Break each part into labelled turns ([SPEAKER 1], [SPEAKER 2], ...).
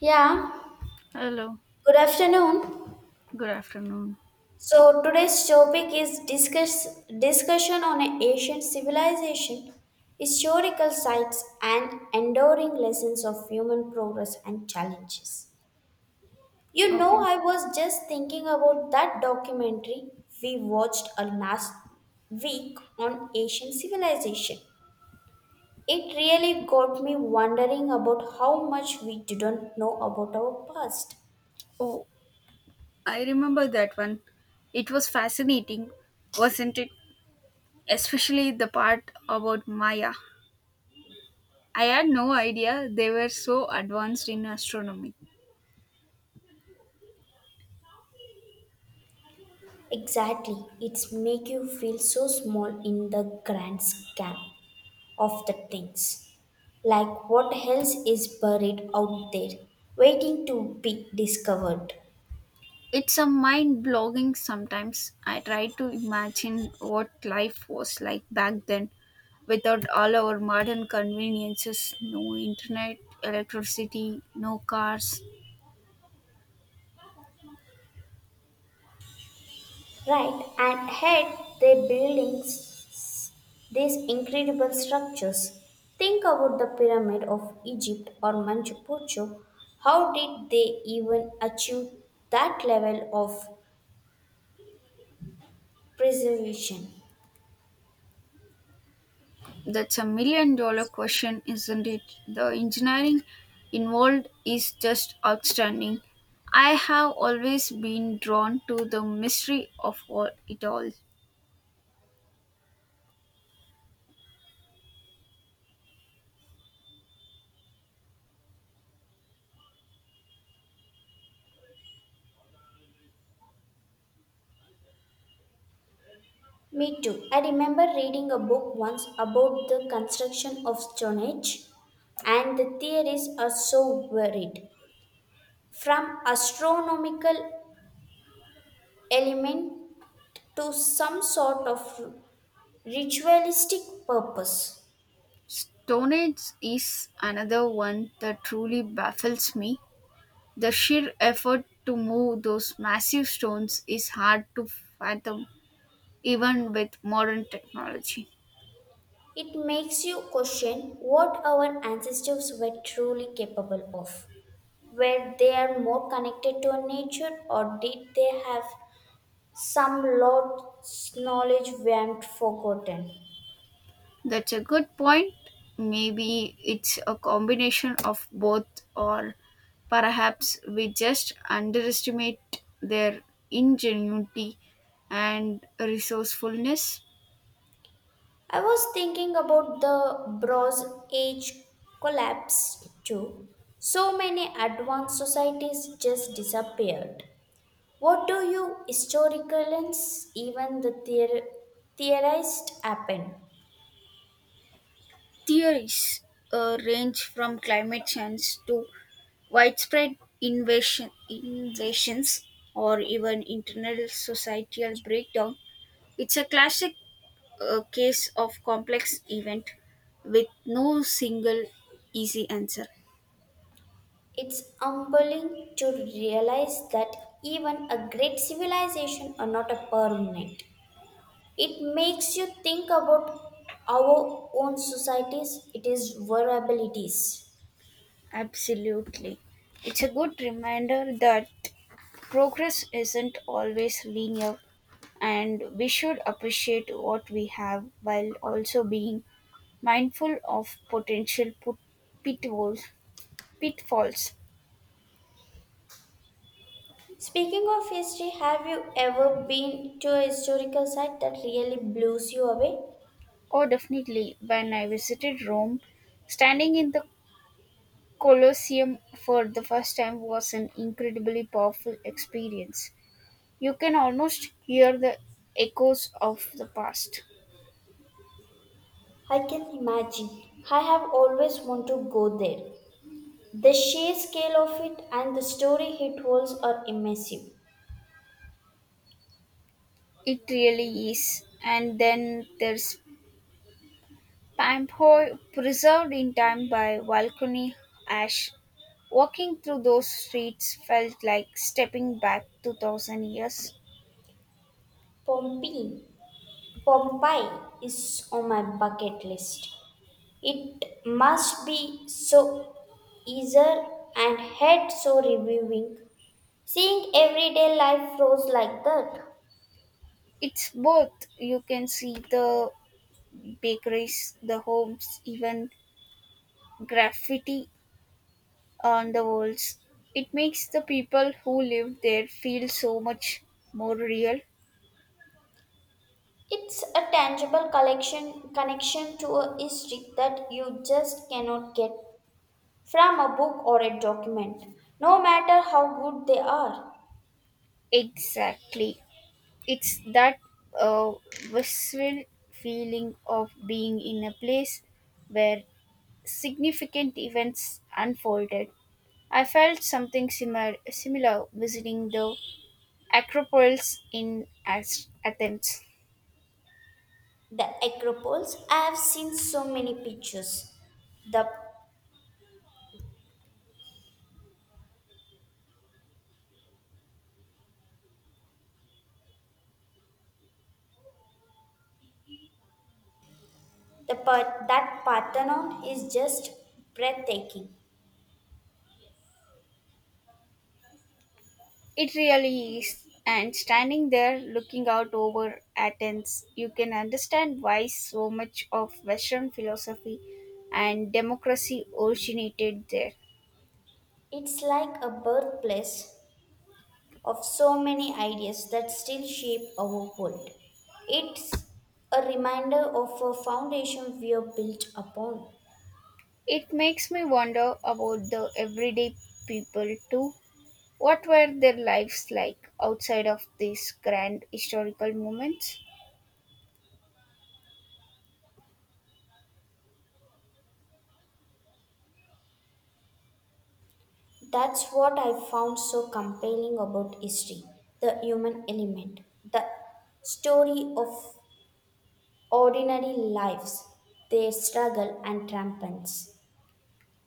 [SPEAKER 1] Yeah,
[SPEAKER 2] Hello,
[SPEAKER 1] good afternoon.
[SPEAKER 2] good afternoon.
[SPEAKER 1] So today's topic is discussion on an ancient civilization, historical sites and enduring lessons of human progress and challenges. You
[SPEAKER 2] Okay.
[SPEAKER 1] know, I was just thinking about that documentary we watched a last week on ancient civilization. It really got me wondering about how much we didn't know about our past.
[SPEAKER 2] Oh, I remember that one. It was fascinating, wasn't it? Especially the part about Maya. I had no idea they were so advanced in astronomy.
[SPEAKER 1] Exactly. It's make you feel so small in the grand scam of the things. Like what else is buried out there, waiting to be discovered.
[SPEAKER 2] It's a mind blogging sometimes. I try to imagine what life was like back then without all our modern conveniences no internet, electricity, no cars.
[SPEAKER 1] Right, and had they buildings these incredible structures. Think about the pyramid of Egypt or Machu Picchu. How did they even achieve that level of preservation?
[SPEAKER 2] That's a million dollar question, isn't it? The engineering involved is just outstanding. I have always been drawn to the mystery of all it all.
[SPEAKER 1] Me too. I remember reading a book once about the construction of Stonehenge, and the theories are so varied, from astronomical element to some sort of ritualistic purpose.
[SPEAKER 2] Stone Age is another one that truly baffles me. The sheer effort to move those massive stones is hard to fathom, even with modern technology.
[SPEAKER 1] It makes you question what our ancestors were truly capable of. Were they are more connected to nature, or did they have some lost knowledge we have forgotten?
[SPEAKER 2] That's a good point. Maybe it's a combination of both, or perhaps we just underestimate their ingenuity and resourcefulness.
[SPEAKER 1] I was thinking about the Bronze Age collapse too. So many advanced societies just disappeared. What do you historians even theorized happened?
[SPEAKER 2] Theories range from climate change to widespread invasions or even internal societal breakdown. It's a classic a case of complex event with no single easy answer.
[SPEAKER 1] It's humbling to realize that even a great civilization are not a permanent. It makes you think about our own societies, it is vulnerabilities.
[SPEAKER 2] Absolutely. It's a good reminder that progress isn't always linear and we should appreciate what we have while also being mindful of potential pitfalls. pitfalls.
[SPEAKER 1] Speaking of history, have you ever been to a historical site that really blows you away?
[SPEAKER 2] Oh, definitely. When I visited Rome, standing in the Colosseum for the first time was an incredibly powerful experience. You can almost hear the echoes of the past.
[SPEAKER 1] I can imagine. I have always wanted to go there. The sheer scale of it and the story it holds are immersive.
[SPEAKER 2] It really is. And then there's Pamphoi, preserved in time by volcanic ash. Walking through those streets felt like stepping back 2000 years.
[SPEAKER 1] Pompeii, Pompeii is on my bucket list. It must be so easier and head so reviewing. Seeing everyday life flows like that.
[SPEAKER 2] It's both. You can see the bakeries, the homes, even graffiti on the walls. It makes the people who live there feel so much more real.
[SPEAKER 1] It's a tangible collection connection to a history that you just cannot get from a book or a document, no matter how good they are.
[SPEAKER 2] Exactly. It's that uh, visceral feeling of being in a place where significant events unfolded. I felt something similar visiting the Acropolis in Athens.
[SPEAKER 1] The Acropolis, I have seen so many pictures. The, that Parthenon is just breathtaking.
[SPEAKER 2] It really is. And standing there looking out over Athens, you can understand why so much of Western philosophy and democracy originated there.
[SPEAKER 1] It's like a birthplace of so many ideas that still shape our world. It's a reminder of a foundation we are built upon.
[SPEAKER 2] It makes me wonder about the everyday people too. What were their lives like outside of these grand historical moments?
[SPEAKER 1] That's what I found so compelling about history, the human element, the story of ordinary lives, their struggle and triumphs.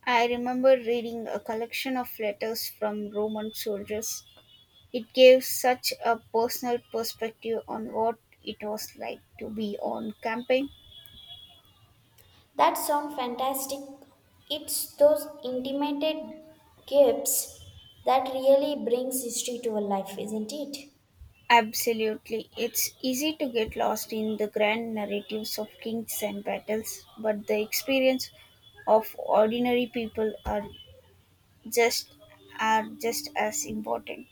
[SPEAKER 2] I remember reading a collection of letters from Roman soldiers. It gave such a personal perspective on what it was like to be on campaign.
[SPEAKER 1] That sounds fantastic. It's those intimated gaps that really brings history to a life, isn't it?
[SPEAKER 2] Absolutely. It's easy to get lost in the grand narratives of kings and battles, but the experience of ordinary people just are just as important.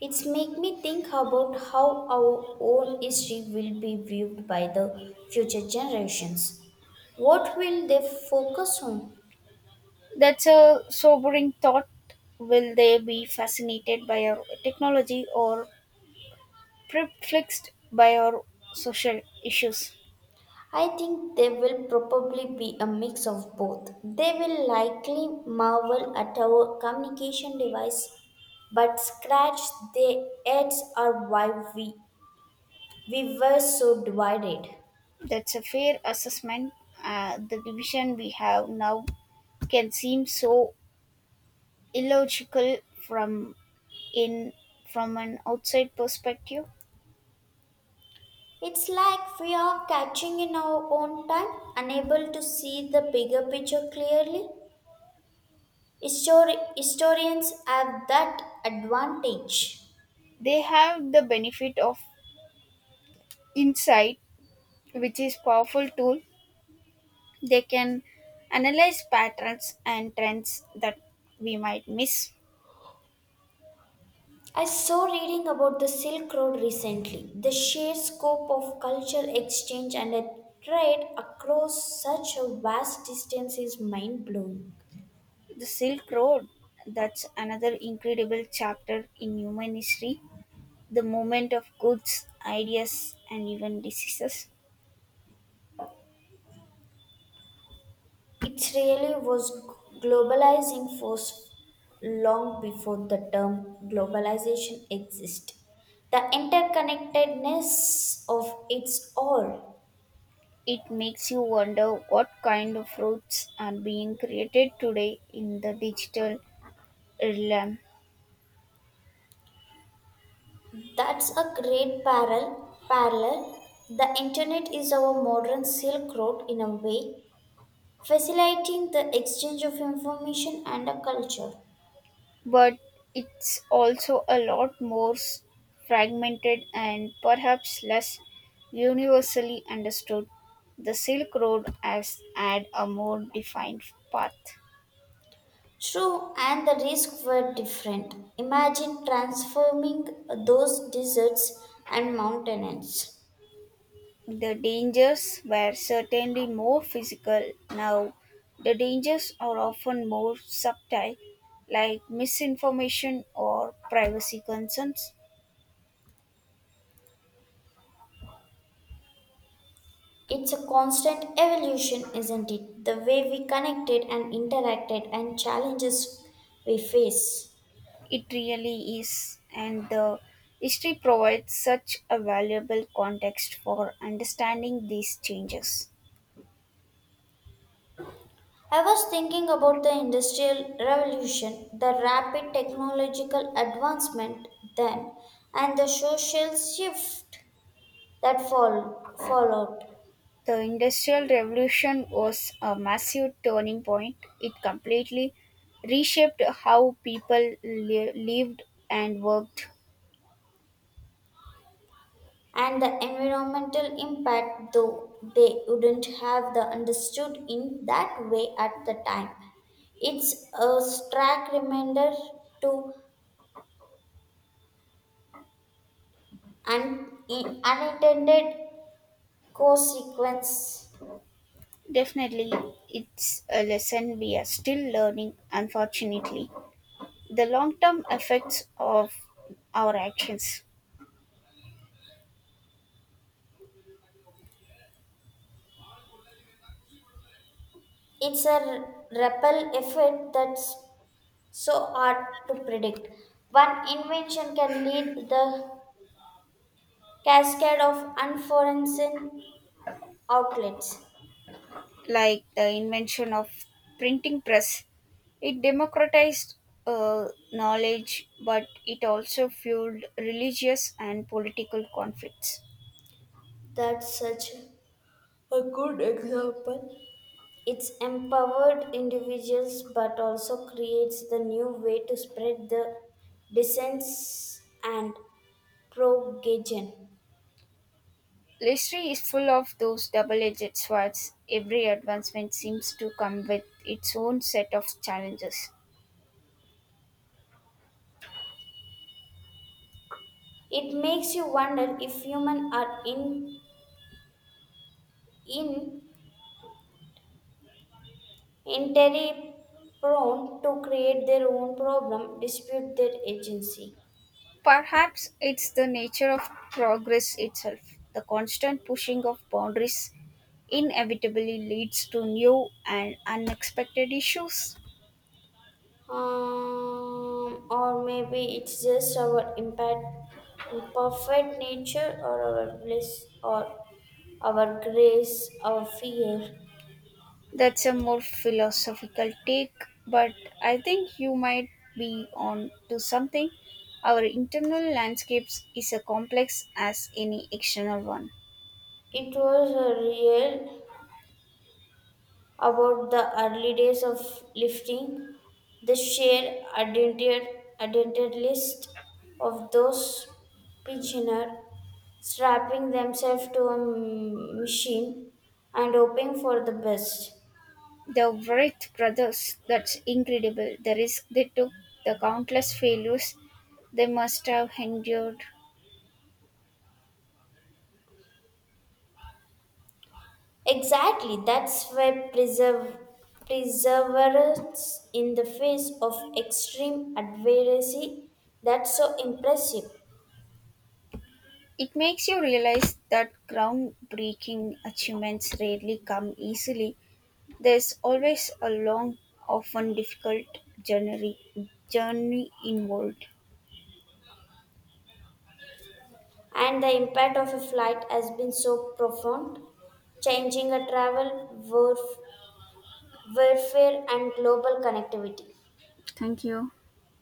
[SPEAKER 1] It's make me think about how our own history will be viewed by the future generations. What will they focus on?
[SPEAKER 2] That's a sobering thought. Will they be fascinated by our technology or perplexed by our social issues?
[SPEAKER 1] I think they will probably be a mix of both. They will likely marvel at our communication device, but scratch their heads are why we were so divided.
[SPEAKER 2] That's a fair assessment. The division we have now can seem so illogical from in from an outside perspective.
[SPEAKER 1] It's like we are catching in our own time, unable to see the bigger picture clearly. Historians have that advantage.
[SPEAKER 2] They have the benefit of insight, which is powerful tool. They can analyze patterns and trends that we might miss.
[SPEAKER 1] I saw reading about the Silk Road recently. The sheer scope of cultural exchange and a trade across such a vast distance is mind blowing.
[SPEAKER 2] The Silk Road, that's another incredible chapter in human history. The movement of goods, ideas, and even diseases.
[SPEAKER 1] It really was globalizing force long before the term globalization existed. The interconnectedness of its all.
[SPEAKER 2] It makes you wonder what kind of routes are being created today in the digital realm.
[SPEAKER 1] That's a great parallel. Parallel. The internet is our modern Silk Road in a way, facilitating the exchange of information and a culture.
[SPEAKER 2] But it's also a lot more fragmented and perhaps less universally understood. The Silk Road has had a more defined path.
[SPEAKER 1] True, and the risks were different. Imagine transforming those deserts and mountains.
[SPEAKER 2] The dangers were certainly more physical. Now, the dangers are often more subtle, like misinformation or privacy concerns.
[SPEAKER 1] It's a constant evolution, isn't it? The way we connected and interacted and challenges we face.
[SPEAKER 2] It really is, and the history provides such a valuable context for understanding these changes.
[SPEAKER 1] I was thinking about the Industrial Revolution, the rapid technological advancement then, and the social shift followed.
[SPEAKER 2] The Industrial Revolution was a massive turning point. It completely reshaped how people lived and worked.
[SPEAKER 1] And the environmental impact, though they wouldn't have the understood in that way at the time, it's a stark reminder to unintended consequence.
[SPEAKER 2] Definitely, it's a lesson we are still learning, unfortunately. The long term effects of our actions,
[SPEAKER 1] It's a ripple effect that's so hard to predict. One invention can lead the cascade of unforeseen outlets.
[SPEAKER 2] like the invention of printing press, it democratized uh, knowledge, but it also fueled religious and political conflicts.
[SPEAKER 1] That's such a, it's empowered individuals but also creates the new way to spread the dissents and propagation.
[SPEAKER 2] History is full of those double edged swords. Every advancement seems to come with its own set of challenges.
[SPEAKER 1] It makes you wonder if humans are in entirely prone to create their own problem, dispute their agency.
[SPEAKER 2] Perhaps it's the nature of progress itself. The constant pushing of boundaries inevitably leads to new and unexpected issues.
[SPEAKER 1] Or maybe it's just our impact, imperfect nature or our bliss or our grace, our fear.
[SPEAKER 2] That's a more philosophical take, but I think you might be on to something. Our internal landscapes is as complex as any external one.
[SPEAKER 1] It was real about the early days of lifting, the sheer identity list of those pigeoners strapping themselves to a machine and hoping for the best.
[SPEAKER 2] The Wright brothers, that's incredible. The risk they took, the countless failures they must have endured.
[SPEAKER 1] Exactly, perseverance in the face of extreme adversity, that's so impressive.
[SPEAKER 2] It makes you realize that groundbreaking achievements rarely come easily. There's always a long, often difficult journey involved.
[SPEAKER 1] And the impact of a flight has been so profound, changing a travel, warfare, and global connectivity.
[SPEAKER 2] Thank you.